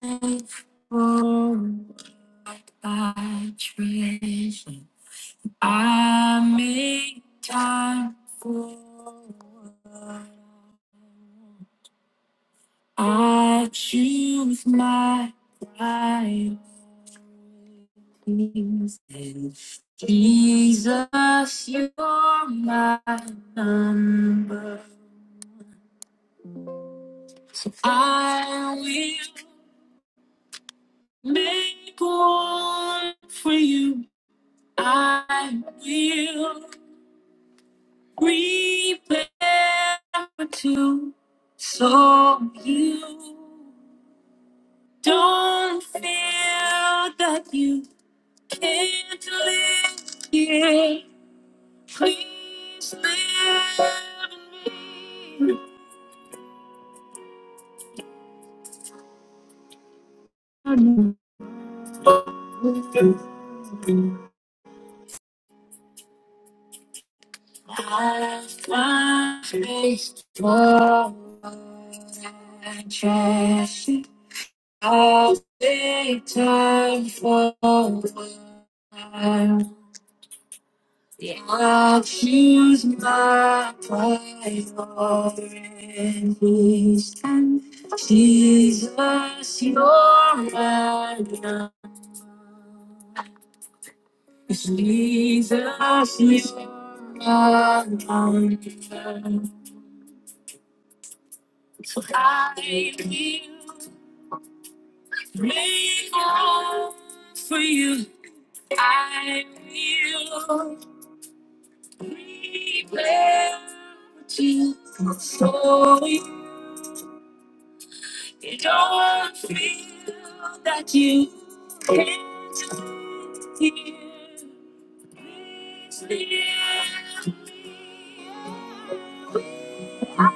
Faithful, I treasure. I make time for. what I I choose my priorities. And Jesus, you're my number. I will make room for you. I will prepare for two. So you don't feel that You. can't live here. Please live in me. I find space for attraction. I'll take time for what I want. Yeah. I'll choose my priorities. and Jesus, you're my God. Jesus, you're my God. So I will make all for you. I will prepare you. for you. You don't want to feel that you can't do it here. Please leave me. I'll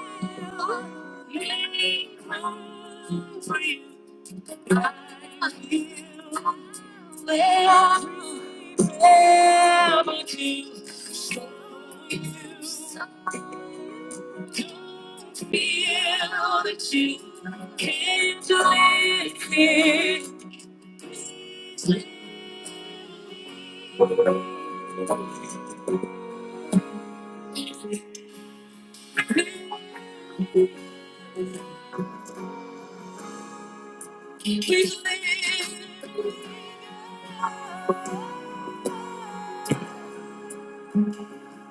make room for you. I will wait forever to show you to be all that you came to live here. We live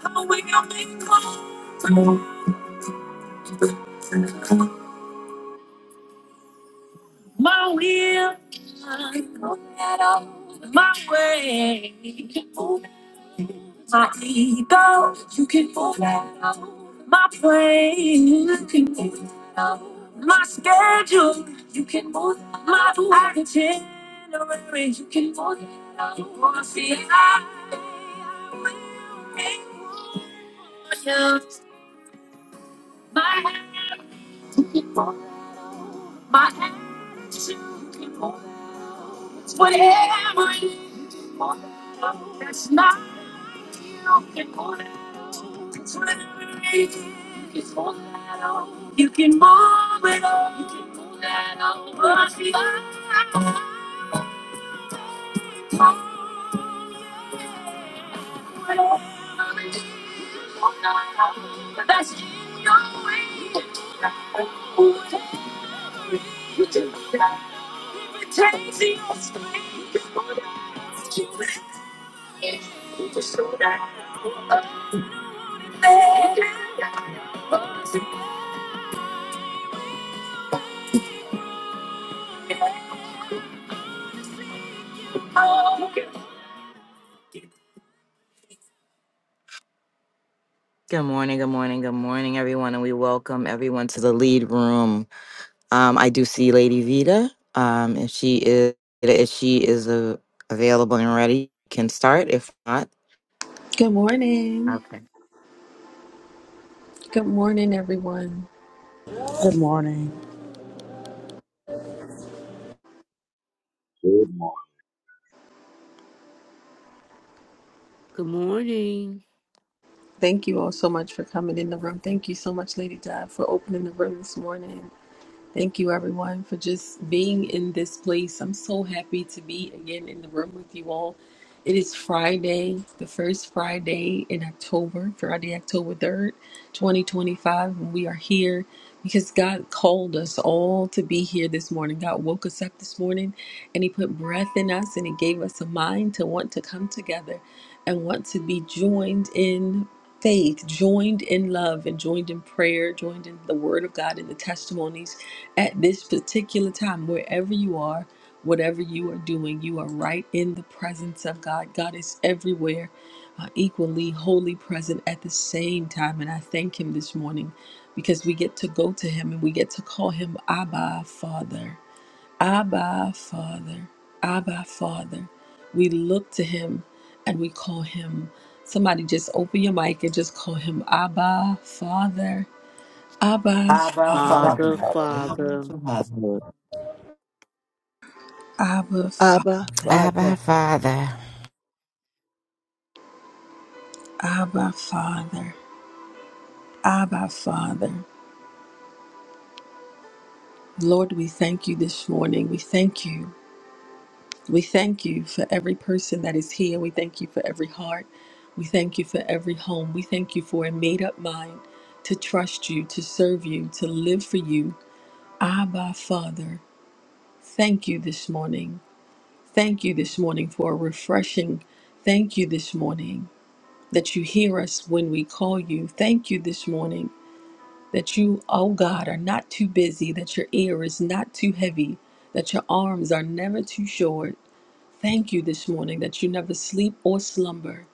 how we are made My will, my way. my ego. You can move out my plane. You can move out my schedule. You can move now. my itinerary. You can move out my feet. I will make room for you. My hands, you can move. my hands, you can move. Whatever you want, that's not you can move. You can pull that off. You can move it off. You can pull that off. But you are That's in your way. You can pull that off. You can pull that off. It takes your strength. You can pull that off. You can pull that off. You can pull that off. Good morning, good morning, good morning, everyone, and we welcome everyone to the lead room. Um, I do see Lady Vita. Um, if she is, if she is uh, available and ready, can start. If not, Good morning. okay. Good morning, everyone. Good morning. Good morning, Good morning, Thank you all so much for coming in the room. Thank you so much, Lady Dad, for opening the room this morning. Thank you, everyone, for just being in this place. I'm so happy to be again in the room with you all. It is Friday, the first Friday in October, Friday, October 3rd, 2025. And we are here because God called us all to be here this morning. God woke us up this morning and He put breath in us and He gave us a mind to want to come together and want to be joined in faith, joined in love, and joined in prayer, joined in the Word of God and the testimonies at this particular time, wherever you are, whatever you are doing, you are right in the presence of God. God is everywhere, uh, equally wholly present at the same time. And I thank Him this morning because we get to go to Him and we get to call Him Abba Father. Abba Father. Abba Father. We look to Him and we call Him. Somebody just open your mic and just call Him Abba Father. Abba Abba Father. Abba Father, Abba Father. Father, Abba Father. Abba, Abba, Father. Father, Abba, Father. Abba, Father. Lord, we thank you this morning. We thank you. We thank you for every person that is here. We thank you for every heart. We thank you for every home. We thank you for a made up mind to trust you, to serve you, to live for you. Abba, Father. Thank you this morning. Thank you this morning for a refreshing. Thank you this morning that you hear us when we call you. Thank you this morning that you, oh God, are not too busy, that your ear is not too heavy, that your arms are never too short. Thank you this morning that you never sleep or slumber.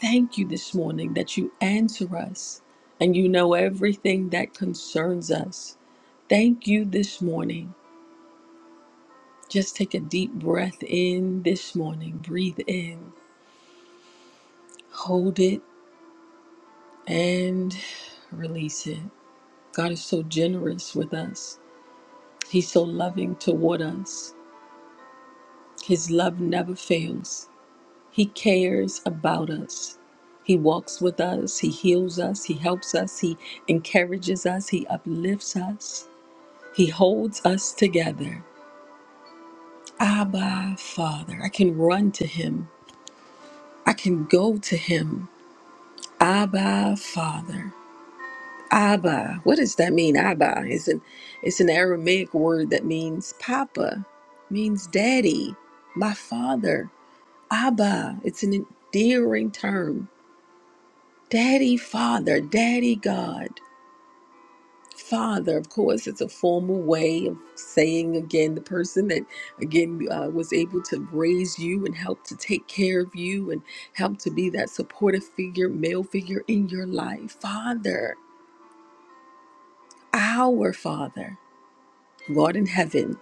Thank you this morning that you answer us and you know everything that concerns us. Thank you this morning. Just take a deep breath in this morning. Breathe in, hold it, and release it. God is so generous with us, He's so loving toward us. His love never fails. He cares about us. He walks with us. He heals us. He helps us. He encourages us. He uplifts us. He holds us together. Abba, Father. I can run to Him. I can go to Him. Abba, Father. Abba. What does that mean? Abba. It's an, it's an Aramaic word that means Papa, means Daddy, my Father. Abba. It's an endearing term Daddy, Father, Daddy God, Father, of course, it's a formal way of saying again the person that again uh, was able to raise you and help to take care of you and help to be that supportive figure, male figure in your life. Father, our Father, God in heaven.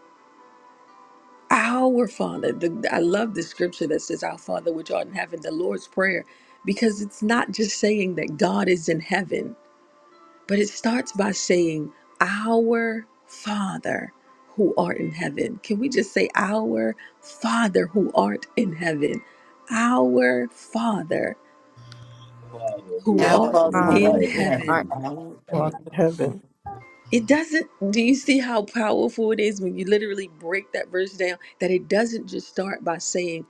Our Father, the, I love the scripture that says, Our Father which art in heaven, the Lord's Prayer, because it's not just saying that God is in heaven. But it starts by saying, Our Father who art in heaven. Can we just say, Our Father who art in heaven? Our Father Father, who who Abba, our art art in Father our who Father, in art in heaven. who art heaven. heaven, hallowed in be heaven, Father in thy name. heaven. It doesn't, do you see how powerful it is when you literally break that verse down? That it doesn't just start by saying,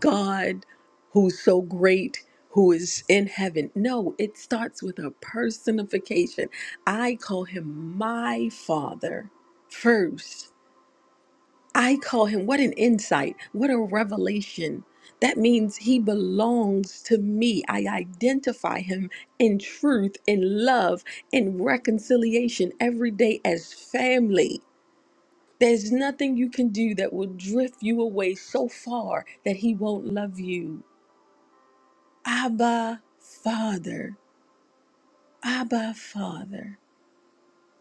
God, who's so great, who is in heaven. No, it starts with a personification. I call him my father first. I call him, what an insight, what a revelation. That means he belongs to me. I identify him in truth, in love, in reconciliation every day as family. There's nothing you can do that will drift you away so far that he won't love you. Abba, Father. Abba, Father.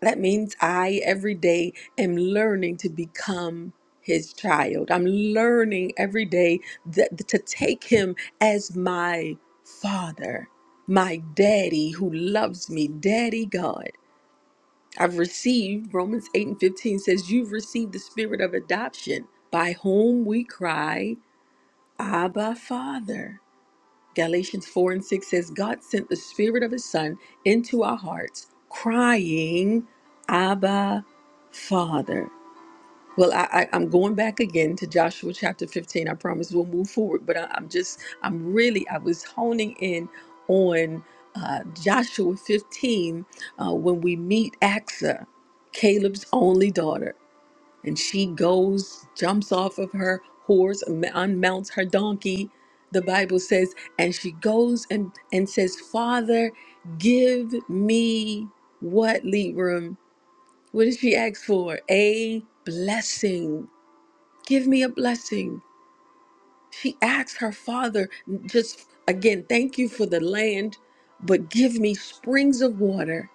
That means I every day am learning to become his child. I'm learning every day that, to take him as my father, my daddy who loves me, daddy God. I've received, Romans 8 and 15 says, You've received the spirit of adoption by whom we cry, Abba, Father. Galatians 4 and 6 says, God sent the Spirit of His Son into our hearts, crying, Abba, Father. Well, I, I, I'm going back again to Joshua chapter 15. I promise we'll move forward, but I, am just, I'm really, I was honing in on uh, Joshua 15 uh, when we meet Axa, Caleb's only daughter and she goes, jumps off of her horse, un- unmounts her donkey, the Bible says, and she goes and, and says, Father, give me what, Libram? What did she ask for? A blessing. Give me a blessing. She asks her father, just again, thank you for the land, but give me springs of water.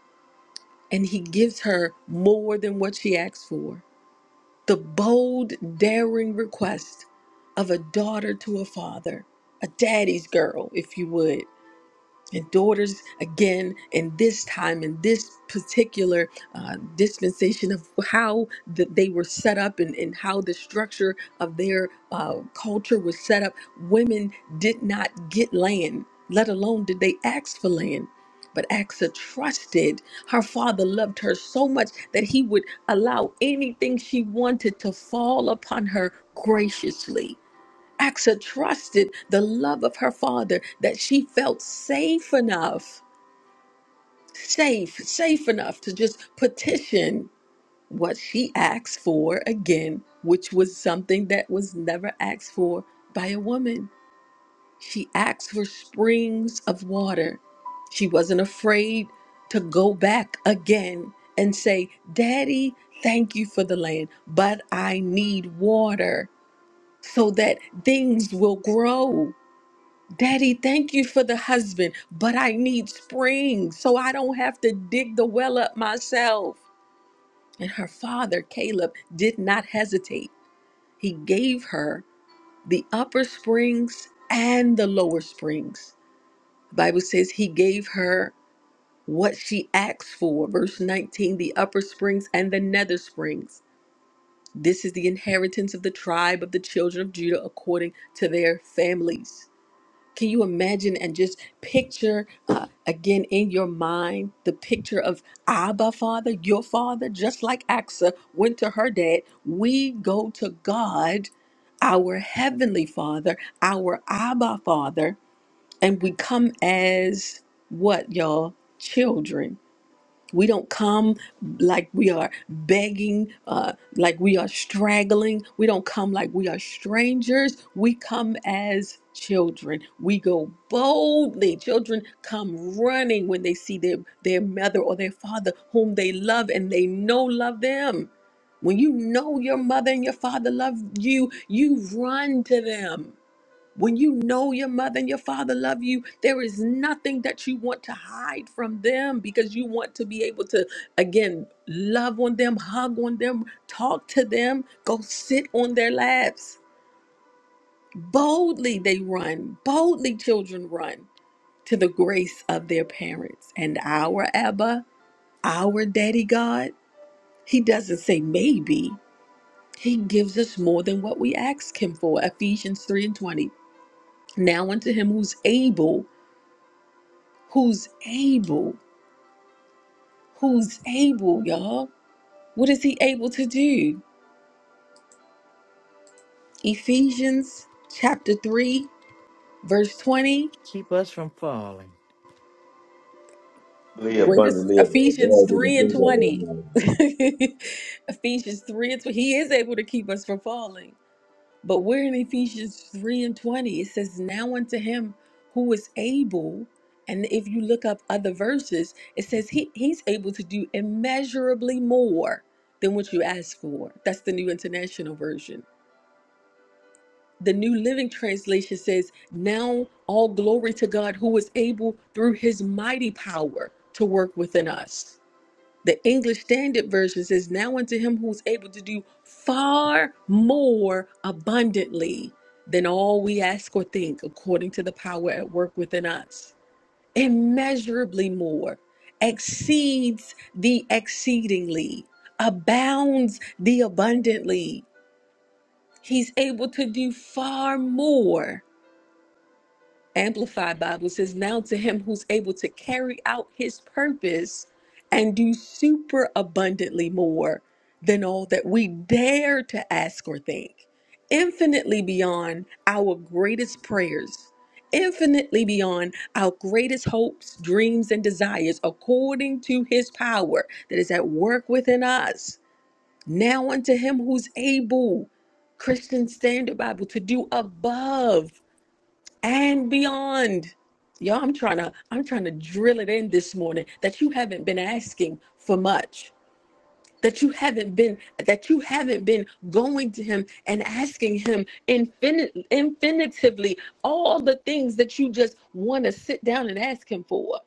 And he gives her more than what she asked for. the bold, daring request of a daughter to a father, a daddy's girl, if you would and daughters again in this time in this particular uh, dispensation of how th- they were set up and, and how the structure of their uh, culture was set up women did not get land let alone did they ask for land but Axa trusted her father loved her so much that he would allow anything she wanted to fall upon her graciously Axa trusted the love of her father that she felt safe enough, safe, safe enough to just petition what she asked for again, which was something that was never asked for by a woman. She asked for springs of water. She wasn't afraid to go back again and say, Daddy, thank you for the land, but I need water so that things will grow. Daddy, thank you for the husband, but I need springs so I don't have to dig the well up myself. And her father, Caleb, did not hesitate. He gave her the upper springs and the lower springs. The Bible says he gave her what she asked for. Verse 19 the upper springs and the nether springs. This is the inheritance of the tribe of the children of Judah according to their families. Can you imagine and just picture uh, again in your mind the picture of Abba, Father, your Father, just like Axa went to her dad? We go to God, our Heavenly Father, our Abba Father, and we come as what, y'all? Children we don't come like we are begging, uh, like we are straggling. We don't come like we are strangers. We come as children. We go boldly. Children come running when they see their, their mother or their father, whom they love and they know love them. When you know your mother and your father love you, you run to them. When you know your mother and your father love you, there is nothing that you want to hide from them because you want to be able to, again, love on them, hug on them, talk to them, go sit on their laps. Boldly they run, boldly children run to the grace of their parents. And our Abba, our Daddy God, He doesn't say maybe, He gives us more than what we ask Him for. Ephesians 3 and 20. Now unto Him who's able who's able, who's able, y'all. What is he able to do? Ephesians chapter 3, verse 20. keep us from falling. Lee Wait, it's abundantly above Ephesians all we can 3 and think of right 20. now. Ephesians 3 and 20. He is able to keep us from falling. But we're in Ephesians 3 and 20. It says, Now unto him who is able, and if you look up other verses, it says he, he's able to do immeasurably more than what you ask for. That's the New International Version. The New Living Translation says, Now all glory to God who is able through his mighty power to work within us. The English Standard Version says, Now unto him who's able to do far more abundantly than all we ask or think, according to the power at work within us, immeasurably more, exceeds the exceedingly, abounds the abundantly. He's able to do far more. Amplified Bible says, Now to him who's able to carry out his purpose and do super abundantly more than all that we dare to ask or think, infinitely beyond our greatest prayers, infinitely beyond our greatest hopes, dreams, and desires, according to his power that is at work within us. Now unto him who's able, Christian Standard Bible, to do above and beyond. Y'all, I'm trying to I'm trying to drill it in this morning that you haven't been asking for much. That you haven't been that you haven't been going to him and asking him infinite infinitively all the things that you just want to sit down and ask him for.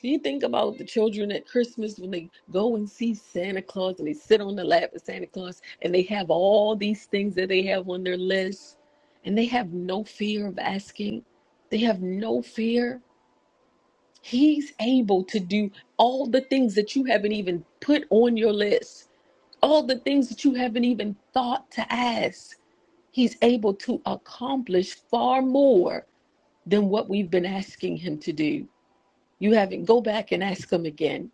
Do you think about the children at Christmas when they go and see Santa Claus and they sit on the lap of Santa Claus and they have all these things that they have on their list and they have no fear of asking? They have no fear. He's able to do all the things that you haven't even put on your list, all the things that you haven't even thought to ask. He's able to accomplish far more than what we've been asking him to do. You haven't, go back and ask him again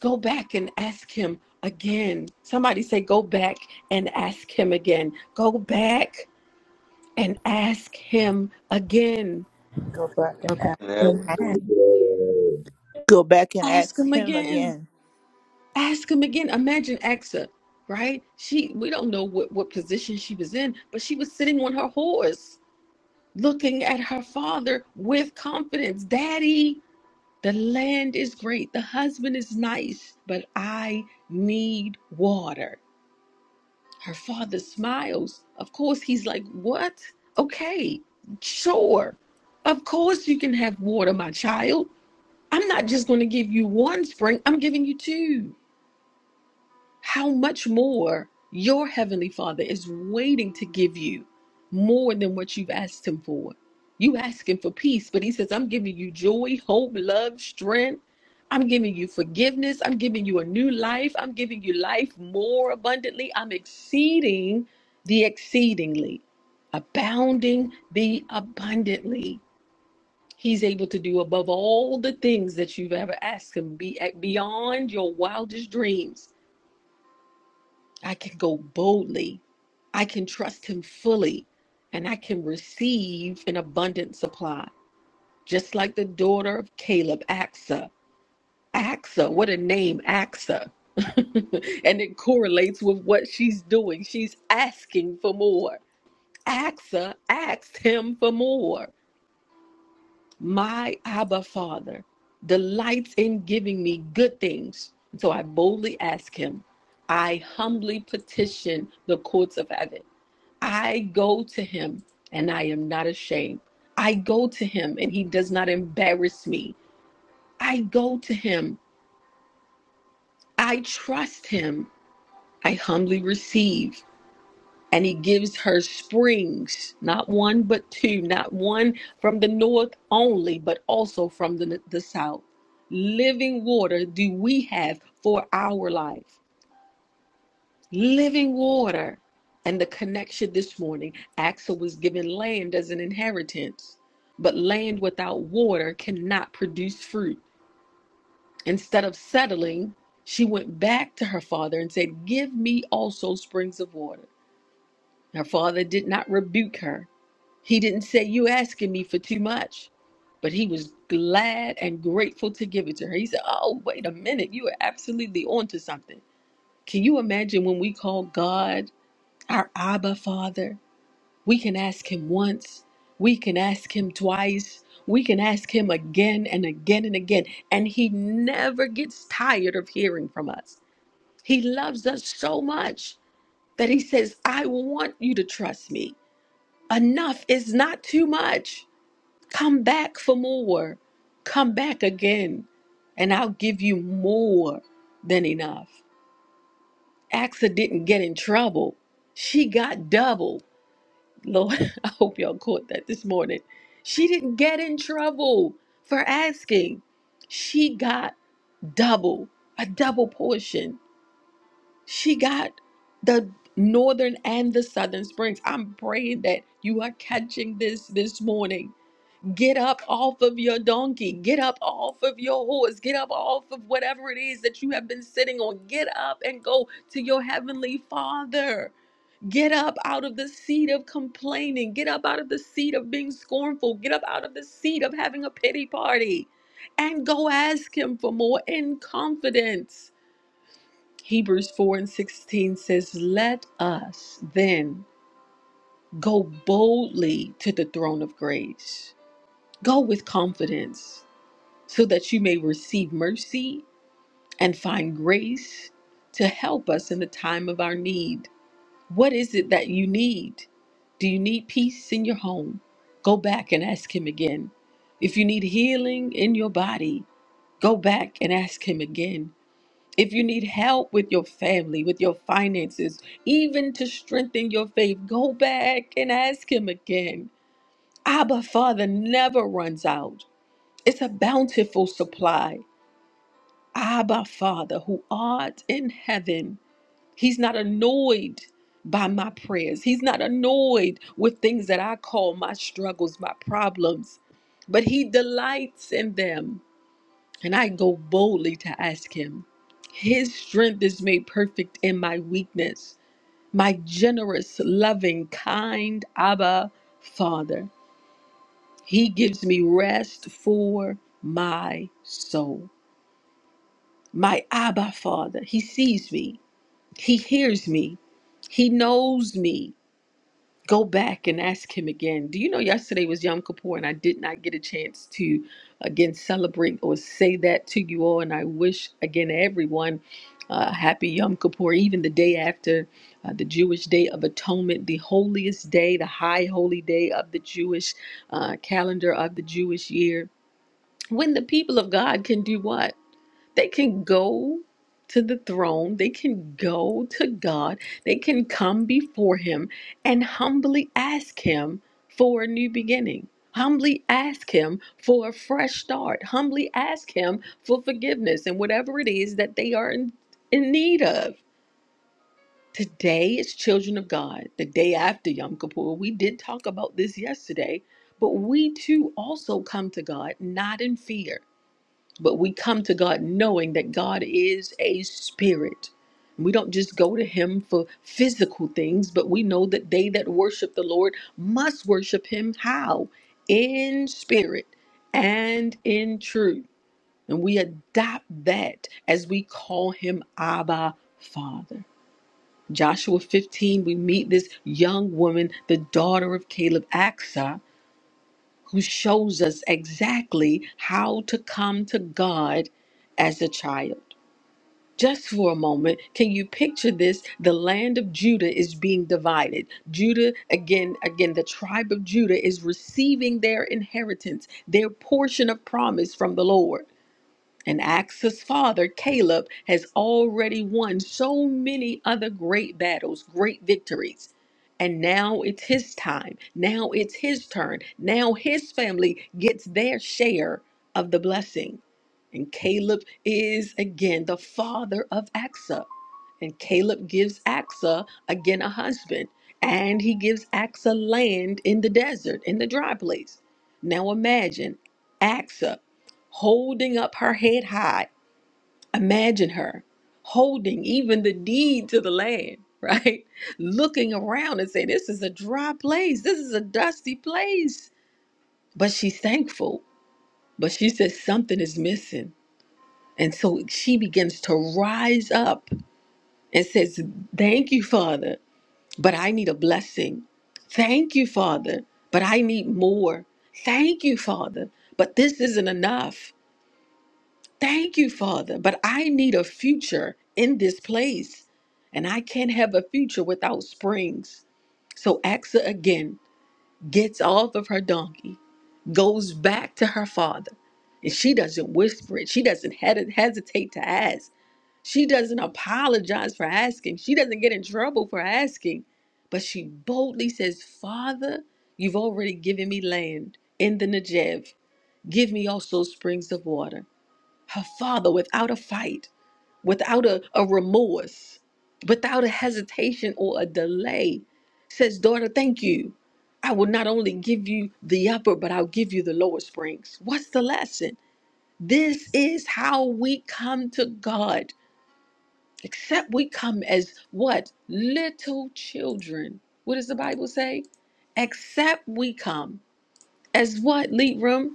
go back and ask him again. Somebody say, go back and ask him again. Go back and ask him again. Go back go and back, ask And ask him. for ask the him again. glory. Go back and Ask ask him Him again. again. Ask him again. Imagine Exa, right? She we don't know what, what position she was in, but she was sitting on her horse, looking at her father with confidence. Daddy, the land is great, the husband is nice, but I need water. Her father smiles. Of course, he's like, What? Okay, sure. Of course, you can have water, my child. I'm not just going to give you one spring, I'm giving you two how much more your Heavenly Father is waiting to give you more than what you've asked Him for. You asking for peace, but He says, I'm giving you joy, hope, love, strength. I'm giving you forgiveness. I'm giving you a new life. I'm giving you life more abundantly. I'm exceeding the exceedingly, abounding the abundantly. He's able to do above all the things that you've ever asked Him, be beyond your wildest dreams I can go boldly. I can trust him fully and I can receive an abundant supply. Just like the daughter of Caleb, Axa. Axa, what a name, Axa. and it correlates with what she's doing. She's asking for more. Axa asked him for more. My Abba Father delights in giving me good things. So I boldly ask him. I humbly petition the courts of heaven. I go to him and I am not ashamed. I go to him and he does not embarrass me. I go to him. I trust him. I humbly receive. And he gives her springs, not one, but two, not one from the north only, but also from the, the south. Living water do we have for our life? living water. And the connection this morning Axel was given land as an inheritance, but land without water cannot produce fruit. Instead of settling, she went back to her father and said, Give me also springs of water. Her father did not rebuke her. He didn't say, You asking me for too much. But he was glad and grateful to give it to her. He said, Oh, wait a minute. You are absolutely onto something. Can you imagine when we call God? our Abba Father. We can ask Him once, we can ask Him twice, we can ask Him again and again and again, and He never gets tired of hearing from us. He loves us so much that He says, I want you to trust me. Enough is not too much. Come back for more. Come back again, and I'll give you more than enough. Axa didn't get in trouble, she got double. Lord, I hope y'all caught that this morning. She didn't get in trouble for asking. She got double, a double portion. She got the northern and the southern springs. I'm praying that you are catching this this morning. Get up off of your donkey. Get up off of your horse. Get up off of whatever it is that you have been sitting on. Get up and go to your heavenly Father. Get up out of the seat of complaining. Get up out of the seat of being scornful. Get up out of the seat of having a pity party and go ask Him for more in confidence. Hebrews 4 and 16 says, Let us then go boldly to the throne of grace. Go with confidence so that you may receive mercy and find grace to help us in the time of our need. What is it that you need? Do you need peace in your home? Go back and ask Him again. If you need healing in your body, go back and ask Him again. If you need help with your family, with your finances, even to strengthen your faith, go back and ask Him again. Abba Father never runs out, it's a bountiful supply. Abba Father, who art in heaven He's not annoyed by my prayers. He's not annoyed with things that I call my struggles, my problems, but He delights in them. And I go boldly to ask Him. His strength is made perfect in my weakness. My generous, loving, kind Abba Father. He gives me rest for my soul. My Abba Father. He sees me. He hears me. He knows me. go back and ask him again. Do you know yesterday was Yom Kippur and I did not get a chance to again celebrate or say that to you all. And I wish again everyone uh, happy Yom Kippur, even the day after uh, the Jewish Day of Atonement, the holiest day, the high holy day of the Jewish uh, calendar of the Jewish year. When the people of God can do what? They can go to the throne, they can go to God, they can come before Him and humbly ask Him for a new beginning. Humbly ask him for a fresh start. Humbly ask him for forgiveness and whatever it is that they are in, in need of. Today is Children of God, the day after Yom Kippur. We did talk about this yesterday, but we too also come to God not in fear. But we come to God knowing that God is a spirit. We don't just go to him for physical things, but we know that they that worship the Lord must worship him how? In spirit and in truth. And we adopt that as we call him Abba Father. Joshua 15, we meet this young woman, the daughter of Caleb, Aksa who shows us exactly how to come to God as a child. Just for a moment, can you picture this? The land of Judah is being divided. Judah, again, again, the tribe of Judah is receiving their inheritance, their portion of promise from the Lord. And Axe's father, Caleb, has already won so many other great battles, great victories. And now it's his time. Now it's his turn. Now his family gets their share of the blessing. And Caleb is again the father of Axa. And Caleb gives Axa again a husband. And he gives Axa land in the desert, in the dry place. Now imagine Axa holding up her head high. Imagine her holding even the deed to the land, right? Looking around and saying, This is a dry place. This is a dusty place. But she's thankful. But she says, Something is missing. And so she begins to rise up and says, Thank you, Father, but I need a blessing. Thank you, Father, but I need more. Thank you, Father, but this isn't enough. Thank you, Father, but I need a future in this place. And I can't have a future without springs. So Axa again gets off of her donkey, goes back to her father, and she doesn't whisper it. She doesn't hed- hesitate to ask. She doesn't apologize for asking. She doesn't get in trouble for asking. But she boldly says, Father, you've already given me land in the Negev. Give me also springs of water her father without a fight, without a, a remorse, without a hesitation or a delay, says, Daughter, thank you. I will not only give you the upper, but I'll give you the lower springs. What's the lesson? This is how we come to God, except we come as what? Little children. What does the Bible say? Except we come as what, Lead Room?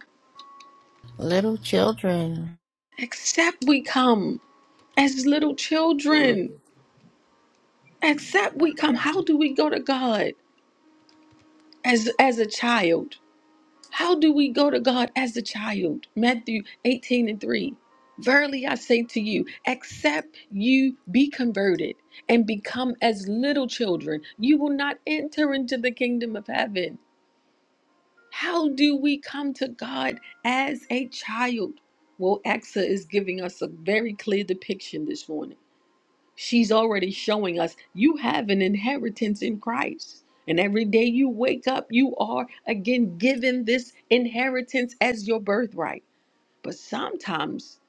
Little children, Except we come as little children except we come how do we go to god as as a child how do we go to god as a child matthew 18 and 3 verily i say to you except you be converted and become as little children you will not enter into the kingdom of heaven how do we come to god as a child well exa is giving us a very clear depiction this morning She's already showing us you have an inheritance in Christ. And every day you wake up, you are again given this inheritance as your birthright. But sometimes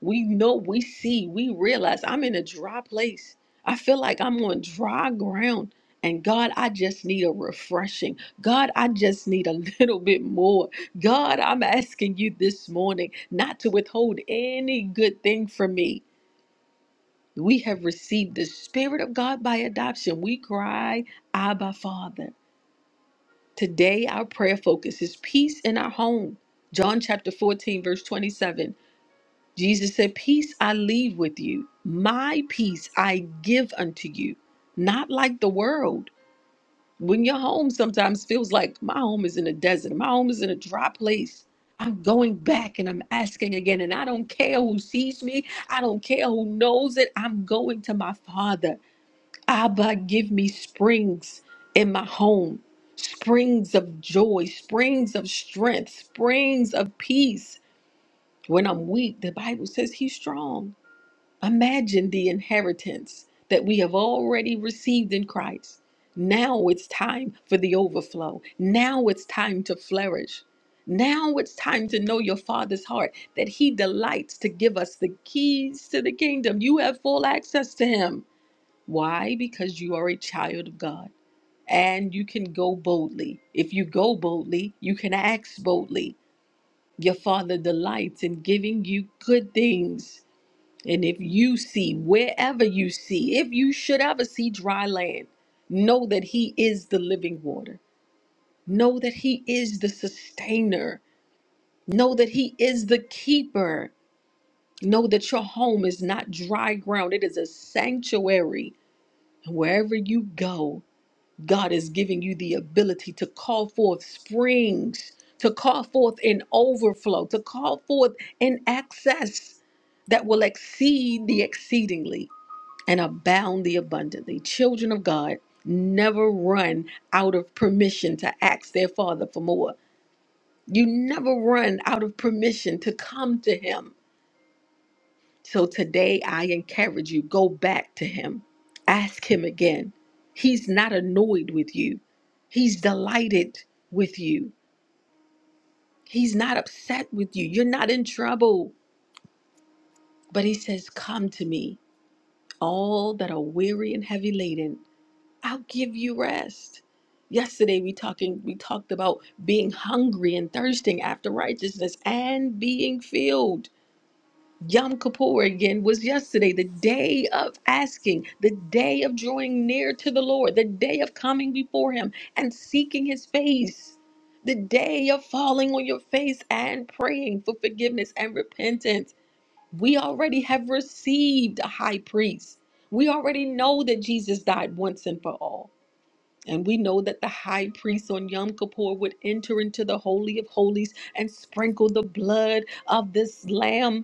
we know, we see, we realize I'm in a dry place. I feel like I'm on dry ground. And God, I just need a refreshing. God, I just need a little bit more. God, I'm asking you this morning not to withhold any good thing from me. We have received the Spirit of God by adoption. We cry, Abba, Father. Today, our prayer focus is peace in our home. John chapter 14, verse 27. Jesus said, Peace I leave with you, my peace I give unto you, not like the world. When your home sometimes feels like my home is in a desert, my home is in a dry place, I'm going back and I'm asking again, and I don't care who sees me, I don't care who knows it, I'm going to my Father. Abba, give me springs in my home, springs of joy, springs of strength, springs of peace. When I'm weak, the Bible says he's strong. Imagine the inheritance that we have already received in Christ. Now it's time for the overflow. Now it's time to flourish. Now it's time to know your Father's heart that He delights to give us the keys to the kingdom. You have full access to Him. Why? Because you are a child of God and you can go boldly. If you go boldly, you can ask boldly. Your Father delights in giving you good things. And if you see, wherever you see, if you should ever see dry land, know that He is the living water. Know that He is the sustainer. Know that He is the keeper. Know that your home is not dry ground, it is a sanctuary. And wherever you go, God is giving you the ability to call forth springs, to call forth an overflow, to call forth an access that will exceed the exceedingly and abound the abundantly. Children of God never run out of permission to ask their Father for more. You never run out of permission to come to Him so today I encourage you go back to him. Ask him again. He's not annoyed with you. He's delighted with you. He's not upset with you. You're not in trouble. But he says, "Come to me, all that are weary and heavy laden. I'll give you rest." Yesterday we talking we talked about being hungry and thirsting after righteousness and being filled. Yom Kippur again was yesterday, the day of asking, the day of drawing near to the Lord, the day of coming before Him and seeking His face, the day of falling on your face and praying for forgiveness and repentance. We already have received a high priest. We already know that Jesus died once and for all. And we know that the high priest on Yom Kippur would enter into the Holy of Holies and sprinkle the blood of this lamb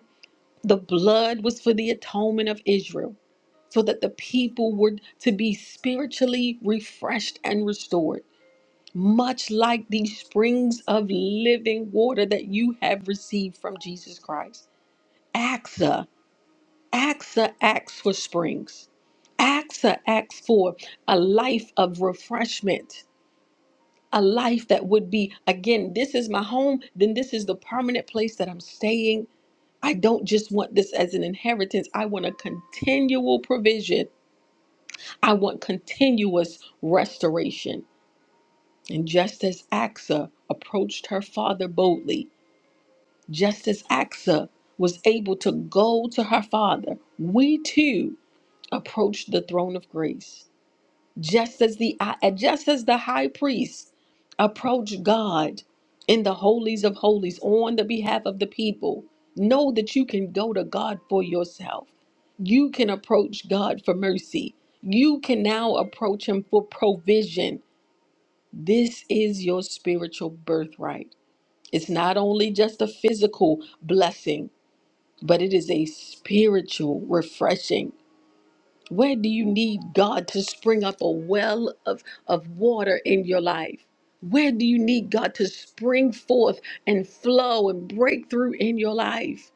the blood was for the atonement of Israel, so that the people were to be spiritually refreshed and restored, much like the springs of living water that you have received from Jesus Christ. AXA, AXA acts for springs. AXA acts for a life of refreshment, a life that would be, again, this is my home, then this is the permanent place that I'm staying I don't just want this as an inheritance. I want a continual provision. I want continuous restoration. And just as Axa approached her father boldly, just as Axa was able to go to her father, we too approach the throne of grace. just as the just as the high priest approached God in the holies of holies on the behalf of the people know that you can go to God for yourself you can approach God for mercy you can now approach him for provision this is your spiritual birthright it's not only just a physical blessing but it is a spiritual refreshing where do you need God to spring up a well of, of water in your life? Where do you need God to spring forth and flow and break through in your life?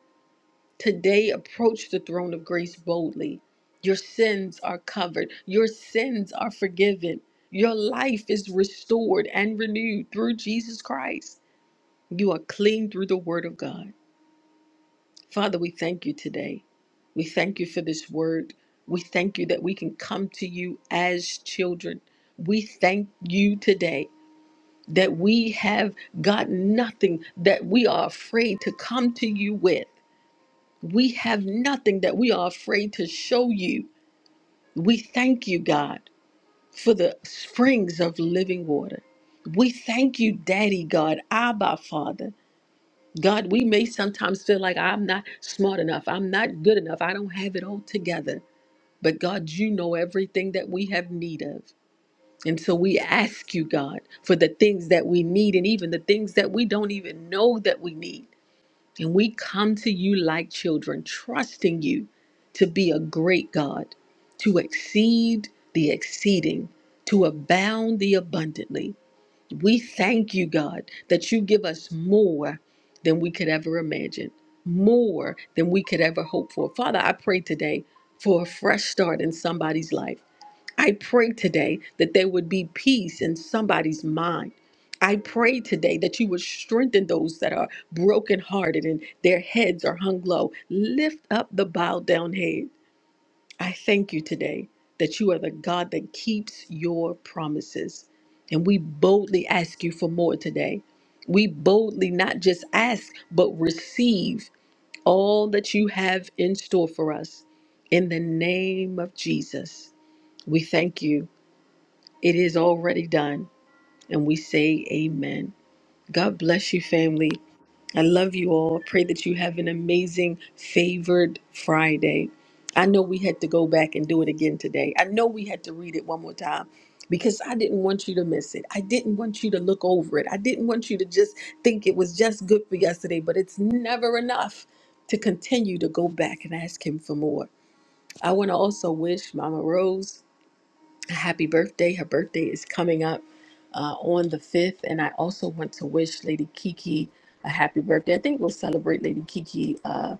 Today, approach the throne of grace boldly. Your sins are covered, your sins are forgiven, your life is restored and renewed through Jesus Christ. You are clean through the word of God. Father, we thank you today. We thank you for this word. We thank you that we can come to you as children. We thank you today that we have got nothing that we are afraid to come to you with. We have nothing that we are afraid to show you. We thank you, God, for the springs of living water. We thank you, Daddy God, Abba Father. God, we may sometimes feel like I'm not smart enough, I'm not good enough, I don't have it all together. But God, you know everything that we have need of. And so we ask you, God, for the things that we need and even the things that we don't even know that we need. And we come to you like children, trusting you to be a great God, to exceed the exceeding, to abound the abundantly. We thank you, God, that you give us more than we could ever imagine, more than we could ever hope for. Father, I pray today for a fresh start in somebody's life. I pray today that there would be peace in somebody's mind. I pray today that you would strengthen those that are brokenhearted and their heads are hung low. Lift up the bowed down head. I thank you today that you are the God that keeps your promises. And we boldly ask you for more today. We boldly not just ask, but receive all that you have in store for us. In the name of Jesus, we thank you. It is already done. And we say, Amen. God bless you, family. I love you all. Pray that you have an amazing, favored Friday. I know we had to go back and do it again today. I know we had to read it one more time because I didn't want you to miss it. I didn't want you to look over it. I didn't want you to just think it was just good for yesterday, but it's never enough to continue to go back and ask Him for more. I want to also wish Mama Rose happy birthday. Her birthday is coming up uh, on the 5th. And I also want to wish Lady Kiki a happy birthday. I think we'll celebrate Lady Kiki, uh,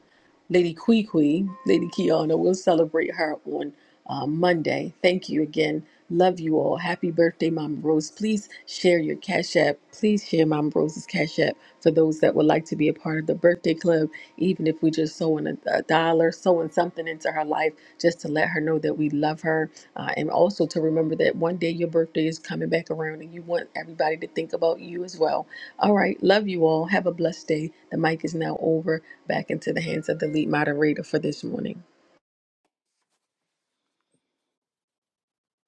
Lady Kwee, Lady Kiana. We'll celebrate her on uh, Monday. Thank you again. Love you all. Happy birthday, Mama Rose. Please share your Cash App. Please share Mama Rose's Cash App for those that would like to be a part of the birthday club. Even if we just sewing a, a dollar, sewing something into her life just to let her know that we love her uh, and also to remember that one day your birthday is coming back around and you want everybody to think about you as well. All right, love you all. Have a blessed day. The mic is now over back into the hands of the lead moderator for this morning.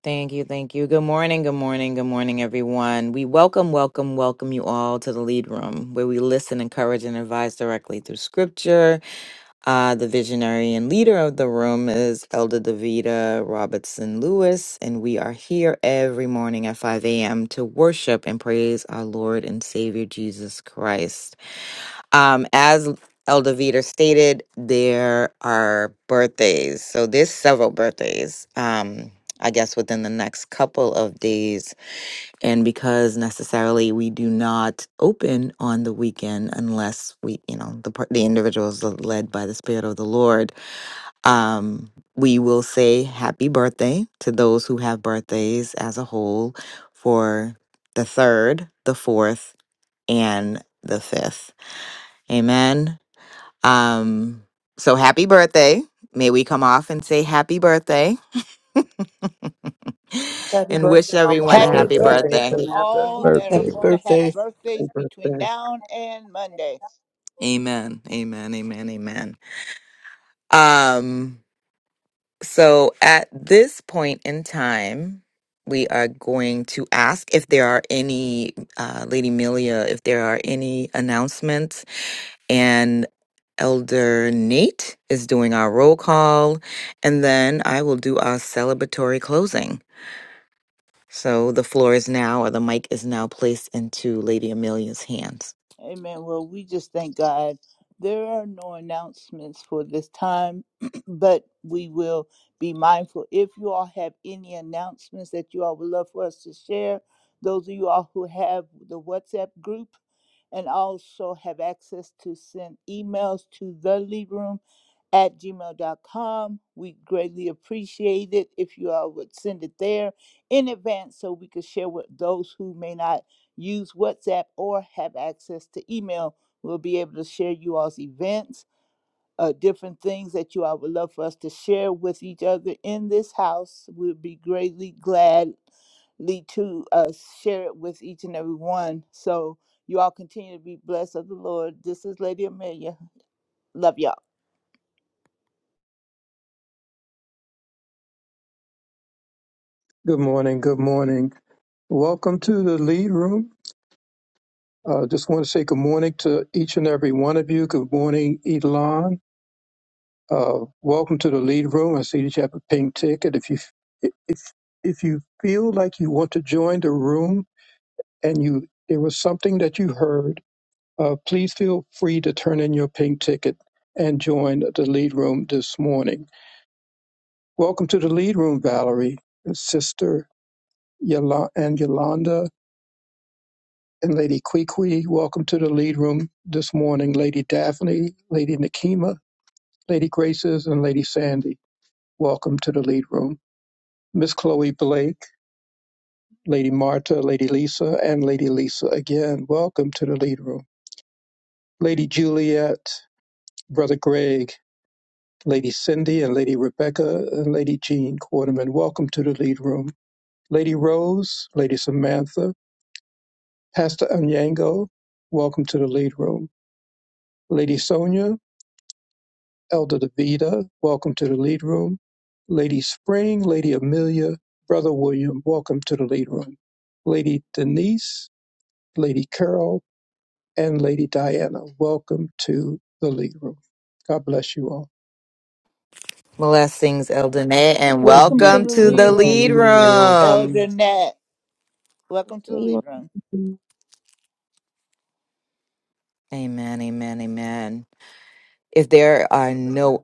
Thank you, thank you. Good morning, good morning, good morning, everyone. We welcome, welcome, welcome you all to the lead room, where we listen, encourage, and advise directly through Scripture Uh, the visionary and leader of the room is Elder Davida Robertson Lewis, and we are here every morning at 5 a.m. to worship and praise our Lord and Savior Jesus Christ. Um, as Elder Vita stated, there are birthdays. So there's several birthdays, um, I guess, within the next couple of days and because necessarily we do not open on the weekend unless we you know the par- the individuals are led by the spirit of the lord um we will say happy birthday to those who have birthdays as a whole for the 3rd, the 4th and the 5th. Amen. Um so happy birthday. May we come off and say happy birthday Happy and birthday, wish Mama everyone Happy a Happy Rose happy and birthday, Happy Lady birthday birthday. to birthday, Samantha. all that are birthday, Happy going to have birthday. birthdays happy between birthday. now and Monday. Amen. Amen. Amen. Amen. Um, so at this point in time, we are going to ask if there are any, uh, Lady Melia, if there are any announcements. And Elder Nate is doing our roll call. And then I will do our celebratory closing. So the floor is now, or the mic is now placed into Lady Amelia's hands. Amen. Well, we just thank God. There are no announcements for this time, but we will be mindful. If you all have any announcements that you all would love for us to share, those of you all who have the WhatsApp group and also have access to send emails to the lead room at gmail dot com, We greatly appreciate it if you all would send it there in advance so we could share with those who may not use WhatsApp, or have access to email. We'll be able to share you all's events, uh, different things that you all would love for us to share with each other in this house. We'll be greatly gladly to uh, share it with each and every one. So you all continue to be blessed of the Lord. This is Lady Amelia. Love y'all. Good morning, good morning. Welcome to the lead room. Uh, just want to say good morning to each and every one of you. Good morning, Elon. Uh, welcome to the lead room. I see that you have a pink ticket. If you if if you feel like you want to join the room and you there was something that you heard, uh, please feel free to turn in your pink ticket and join the lead room this morning. Morning. Welcome to the lead room, Valerie, Sister Yola- and Yolanda, and Lady Kwee Welcome to the lead room this morning, Lady Daphne, Lady Nakima, Lady Graces, and Lady Sandy. Welcome to the lead room. Miss Chloe Blake, Lady Marta, Lady Lisa, and Lady Lisa again. Welcome to the lead room. Lady Juliet, Brother Greg, Lady Cindy, and Lady Rebecca, and Lady Jean Quarterman. Welcome to the lead room. Lady Rose, Lady Samantha, Pastor Anyango. Welcome to the lead room. Lady Sonia, Elder Davida, welcome to the lead room. Lady Spring, Lady Amelia, Brother William, welcome to the lead room. Lady Denise, Lady Carol, and Lady Diana, welcome to the lead room. God bless you all. Blessings, Eldenay, and Welcome to welcome the to lead the lead room, room. Elder Nat. Welcome to the Shalom. lead room. Amen, amen, amen. If there are no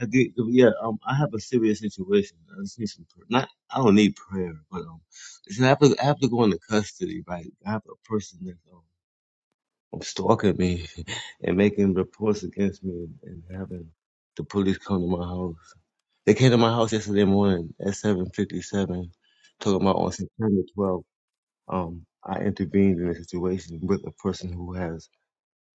I did, yeah, um, I have a serious situation. I just need some prayer. Not, I don't need prayer, but um, listen, I have to, I have to go into custody, right? I have a person that's um, stalking me and making reports against me and, and having the police come to my house. They came to my house yesterday morning at 7:57, talking about on September 12th. um, I intervened in a situation with a person who has.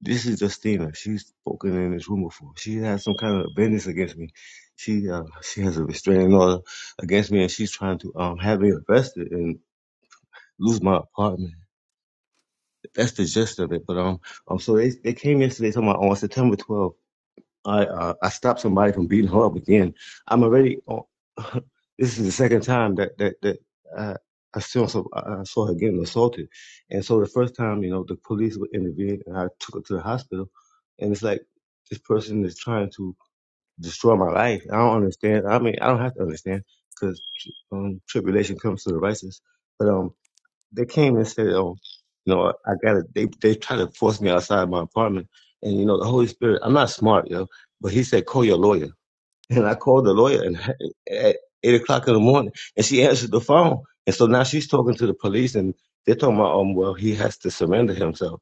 This is Justina. She's spoken in this room before. She has some kind of business against me. She uh, she has a restraining order against me, and she's trying to um have me arrested and lose my apartment. That's the gist of it. But um um so they they came yesterday talking about on September 12th. I uh, I stopped somebody from beating her up again. I'm already on. this is the second time that that that I, I saw some, I saw her getting assaulted, and so the first time you know the police were intervened and I took her to the hospital, and it's like this person is trying to destroy my life. I don't understand. I mean, I don't have to understand because um, tribulation comes to the righteous, but um they came and said, "Oh, you know, I gotta." They they try to force me outside my apartment, and you know, the Holy Spirit. I'm not smart, yo, but He said, "Call your lawyer," and I called the lawyer, and at eight o'clock in the morning, and she answered the phone, and so now she's talking to the police, and they're talking about, um, well, he has to surrender himself.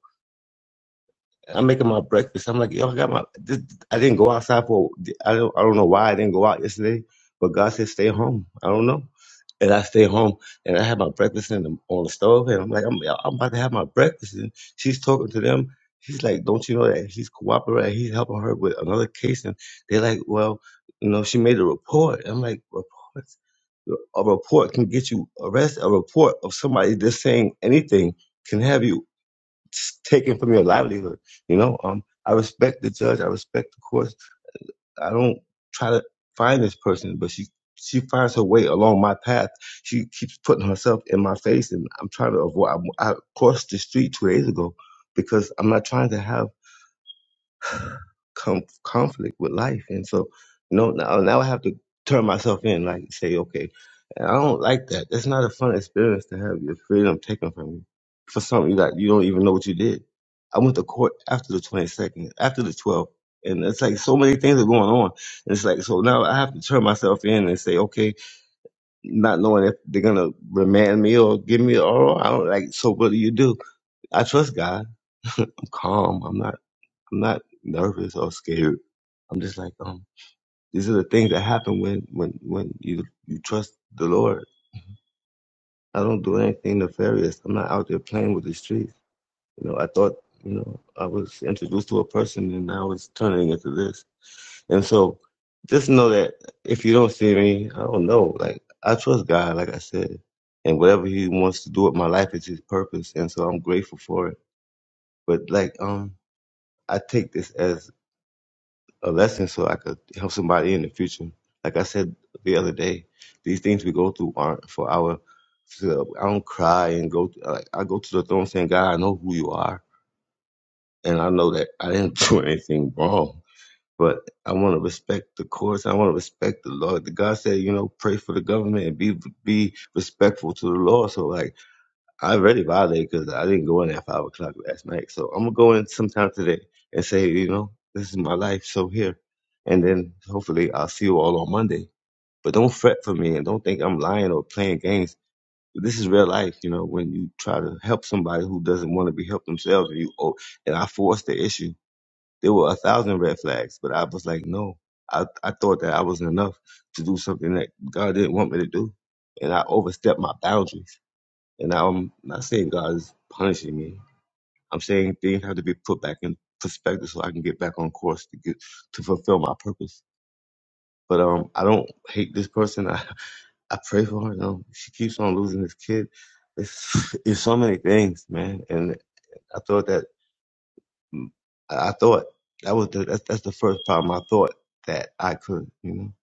I'm making my breakfast. I'm like, yo, I got my. This, I didn't go outside for. I don't. I don't know why I didn't go out yesterday, but God said stay home. I don't know, and I stayed home and I had my breakfast in the, on the stove, and I'm like, I'm, I'm about to have my breakfast, and she's talking to them. She's like, don't you know that he's cooperating? He's helping her with another case, and they're like, well, you know, she made a report. I'm like, reports. A report can get you arrested. A report of somebody that's saying anything can have you Taken from your livelihood. You know, um, I respect the judge. I respect the courts. I don't try to find this person, but she she finds her way along my path. She keeps putting herself in my face, and I'm trying to avoid. I, I crossed the street two days ago because I'm not trying to have com- conflict with life. And so, no, now, now I have to turn myself in, like say, okay, I don't like that. That's not a fun experience to have your freedom taken from you for something that you don't even know what you did. I went to court after the 22nd, after the 12th. And it's like so many things are going on. And it's like, so now I have to turn myself in and say, okay, not knowing if they're going to remand me or give me, or I don't like, so what do you do? I trust God. I'm calm. I'm not. I'm not nervous or scared. I'm just like, um, these are the things that happen when when when you you trust the Lord. I don't do anything nefarious. I'm not out there playing with the streets. You know, I thought, you know, I was introduced to a person and I was turning into this. And so just know that if you don't see me, I don't know. Like I trust God, like I said. And whatever he wants to do with my life is his purpose. And so I'm grateful for it. But like um I take this as a lesson so I could help somebody in the future. Like I said the other day, these things we go through aren't for our. so I don't cry and go. Like I go to the throne saying, "God, I know who you are, and I know that I didn't do anything wrong." But I want to respect the courts. I want to respect the law. The God said, you know, pray for the government and be be respectful to the law. So like I already violated because I didn't go in at five o'clock last night. So I'm gonna go in sometime today and say, you know, this is my life, so here. And then hopefully I'll see you all on Monday. But don't fret for me and don't think I'm lying or playing games. This is real life, you know, when you try to help somebody who doesn't want to be helped themselves and you oh and I forced the issue. There were a thousand red flags, but I was like, no. I, I thought that I wasn't enough to do something that God didn't want me to do. And I overstepped my boundaries and I'm not saying God is punishing me. I'm saying things have to be put back in perspective so I can get back on course to get to fulfill my purpose. But um, I don't hate this person. I, I pray for her. You know, she keeps on losing this kid. It's it's so many things, man. And I thought that mm, I thought that was the that's, that's the first problem. I thought that I could, you know,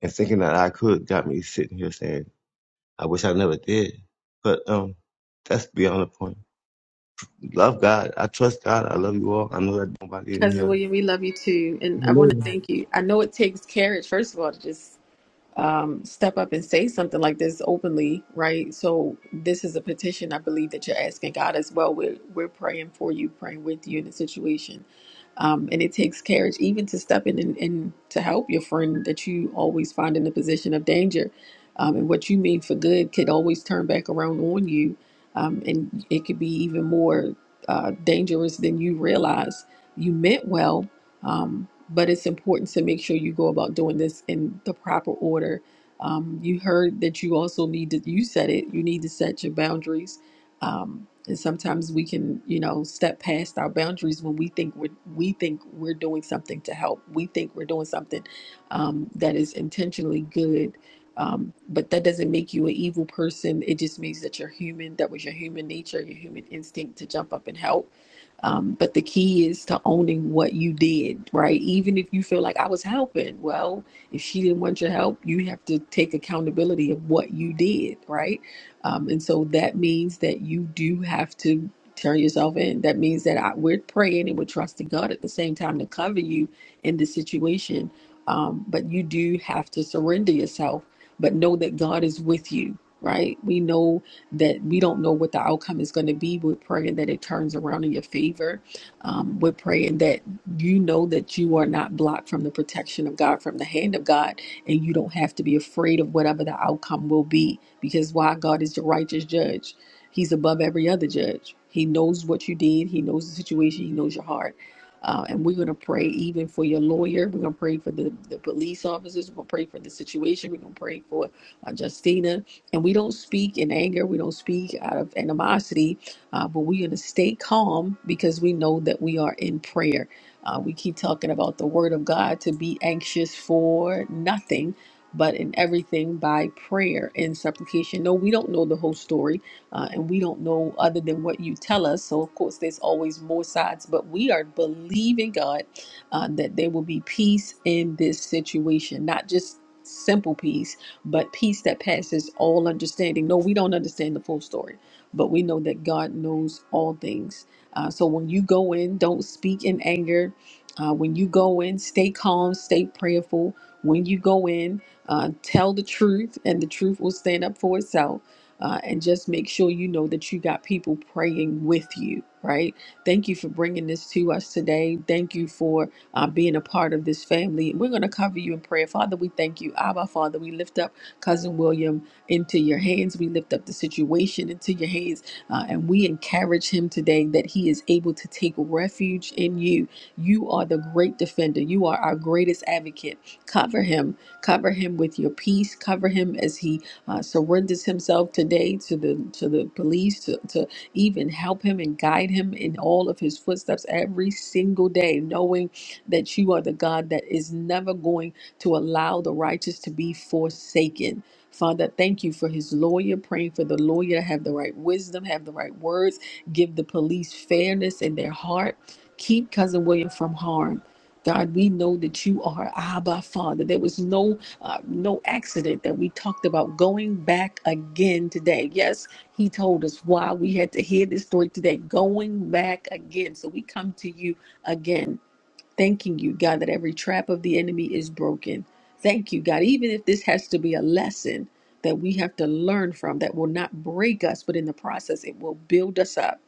and thinking that I could got me sitting here saying I wish I never did. But um, that's beyond the point. Love God. I trust God. I love you all. I know that nobody in Cousin here. William, we love you too. And I want to Hallelujah. thank you. I know it takes courage, first of all, to just um, step up and say something like this openly, right? So this is a petition I believe that you're asking God as well. We're we're praying for you, praying with you in the situation, um, and it takes courage even to step in and, and to help your friend that you always find in a position of danger, um, and what you mean for good could always turn back around on you, um, and it could be even more uh, dangerous than you realize. You meant well, um, but it's important to make sure you go about doing this in the proper order um, you heard that you also need to, you said it, you need to set your boundaries. Um, and sometimes we can, you know, step past our boundaries when we think we're, we think we're doing something to help. We think we're doing something um, that is intentionally good. Um, but that doesn't make you an evil person. It just means that you're human. That was your human nature, your human instinct to jump up and help. Um, but the key is to owning what you did, right? Even if you feel like I was helping, well, if she didn't want your help, you have to take accountability of what you did, right? Um, and so that means that you do have to turn yourself in. That means that I, we're praying and we're trusting God at the same time to cover you in the situation. Um, but you do have to surrender yourself, but know that God is with you, right? We know that we don't know what the outcome is going to be. We're praying that it turns around in your favor. Um, we're praying that you know that you are not blocked from the protection of God, from the hand of God, and you don't have to be afraid of whatever the outcome will be because why God is the righteous judge. He's above every other judge. He knows what you did, He knows the situation, He knows your heart. Uh, and we're going to pray even for your lawyer. We're going to pray for the, the police officers. We're going to pray for the situation. We're going to pray for uh, Justina. And we don't speak in anger. We don't speak out of animosity, uh, but we're going to stay calm because we know that we are in prayer uh, we keep talking about the Word of God to be anxious for nothing, but in everything by prayer and supplication. No, we don't know the whole story, uh, and we don't know other than what you tell us. So, of course, there's always more sides, but we are believing God uh, that there will be peace in this situation, not just simple peace, but peace that passes all understanding. No, we don't understand the full story, but we know that God knows all things. Uh, so when you go in, don't speak in anger. Uh, when you go in, stay calm, stay prayerful. When you go in, uh, tell the truth, and the truth will stand up for itself. Uh, and just make sure you know that you got people praying with you, right? Thank you for bringing this to us today. Thank you for uh, being a part of this family. We're going to cover you in prayer. Father, we thank you. Abba, Father, we lift up Cousin William into your hands. We lift up the situation into your hands. Uh, and we encourage him today that he is able to take refuge in you you are the great defender. You are our greatest advocate. Cover him. Cover him with your peace. Cover him as he uh, surrenders himself today to the to the police to, to even help him and guide him in all of his footsteps every single day, knowing that you are the God that is never going to allow the righteous to be forsaken. Father, thank you for his lawyer, praying for the lawyer to have the right wisdom, have the right words, give the police fairness in their heart keep cousin William from harm. God, we know that you are Abba Father. There was no uh, no accident that we talked about going back again today. Yes, He told us why we had to hear this story today. Going back again, so we come to you again, thanking you, God, that every trap of the enemy is broken. Thank you, God, even if this has to be a lesson that we have to learn from that will not break us, but in the process it will build us up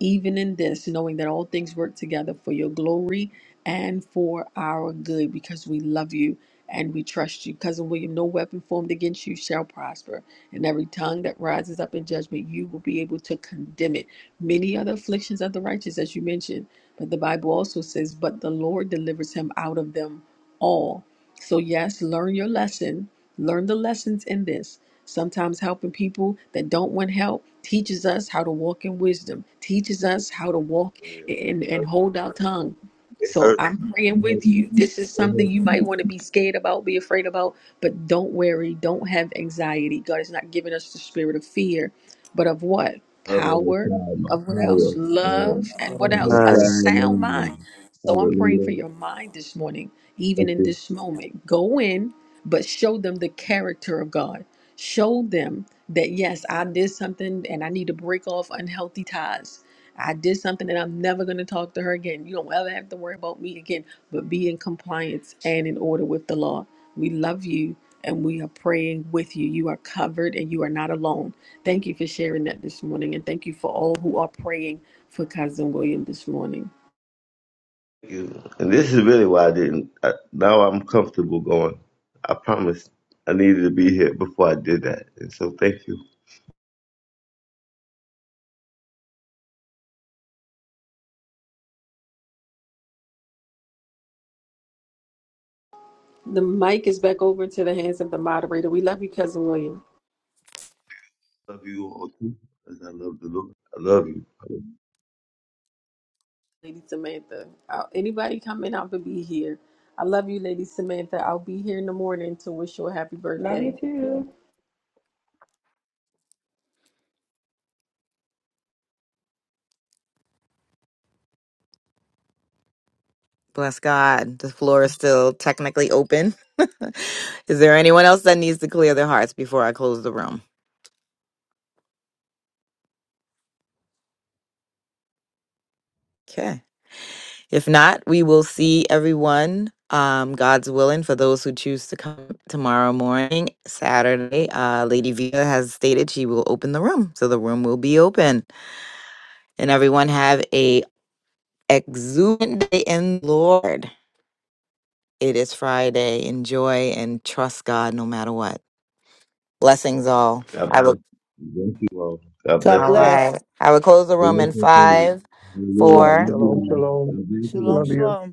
even in this, knowing that all things work together for your glory and for our good, because we love you and we trust you. Cousin William, no weapon formed against you shall prosper, and every tongue that rises up in judgment, you will be able to condemn it. Many other afflictions of the righteous, as you mentioned, but the Bible also says, But the Lord delivers him out of them all. So, yes, learn your lesson, learn the lessons in this Sometimes helping people that don't want help teaches us how to walk in wisdom, teaches us how to walk and, It and hurt. hold our tongue. It So hurt. I'm praying with you. This is It something hurt. you might want to be scared about, be afraid about, but don't worry. Don't have anxiety. God has not given us the spirit of fear, but of what? Other Power, side, my of what power, else? Love, man. and what Other else? A Amen. side, sound mind. mine. So I'm praying for Hallelujah. your mind this morning, Thank even in you. this moment. Go in, but show them the character of God Show them that, yes, I did something and I need to break off unhealthy ties. I did something and I'm never going to talk to her again. You don't ever have to worry about me again, but be in compliance and in order with the law. We love you and we are praying with you. You are covered and you are not alone. Thank you for sharing that this morning. And thank you for all who are praying for Cousin William this morning. Thank you. And this is really why I didn't. I, now I'm comfortable going. I promise. I needed to be here before I did that. And so thank you. The mic is back over to the hands of the moderator. We love you, Cousin William. Love you all too, as I love the Lord. I love you. Lady Samantha. Uh, Anybody coming out to be here? I love you, Lady Samantha. I'll be here in the morning to wish you a happy Love you birthday. too. Bless God. The floor is still technically open. is there anyone else that needs to clear their hearts before I close the room? Okay. If not, we will see everyone, um, God's willing, for those who choose to come tomorrow morning, Saturday. Uh, Lady Vita has stated she will open the room. So the room will be open. And everyone have a exuberant day in the Lord. It is Friday. Enjoy and trust God no matter what. Blessings all. God I will. bless you. Thank you all. God God All bless you. right. bless. I would close the room in Hallelujah. five, I love four, Shalom, you all. shalom. God bless you Shalom, Love all. you. shalom.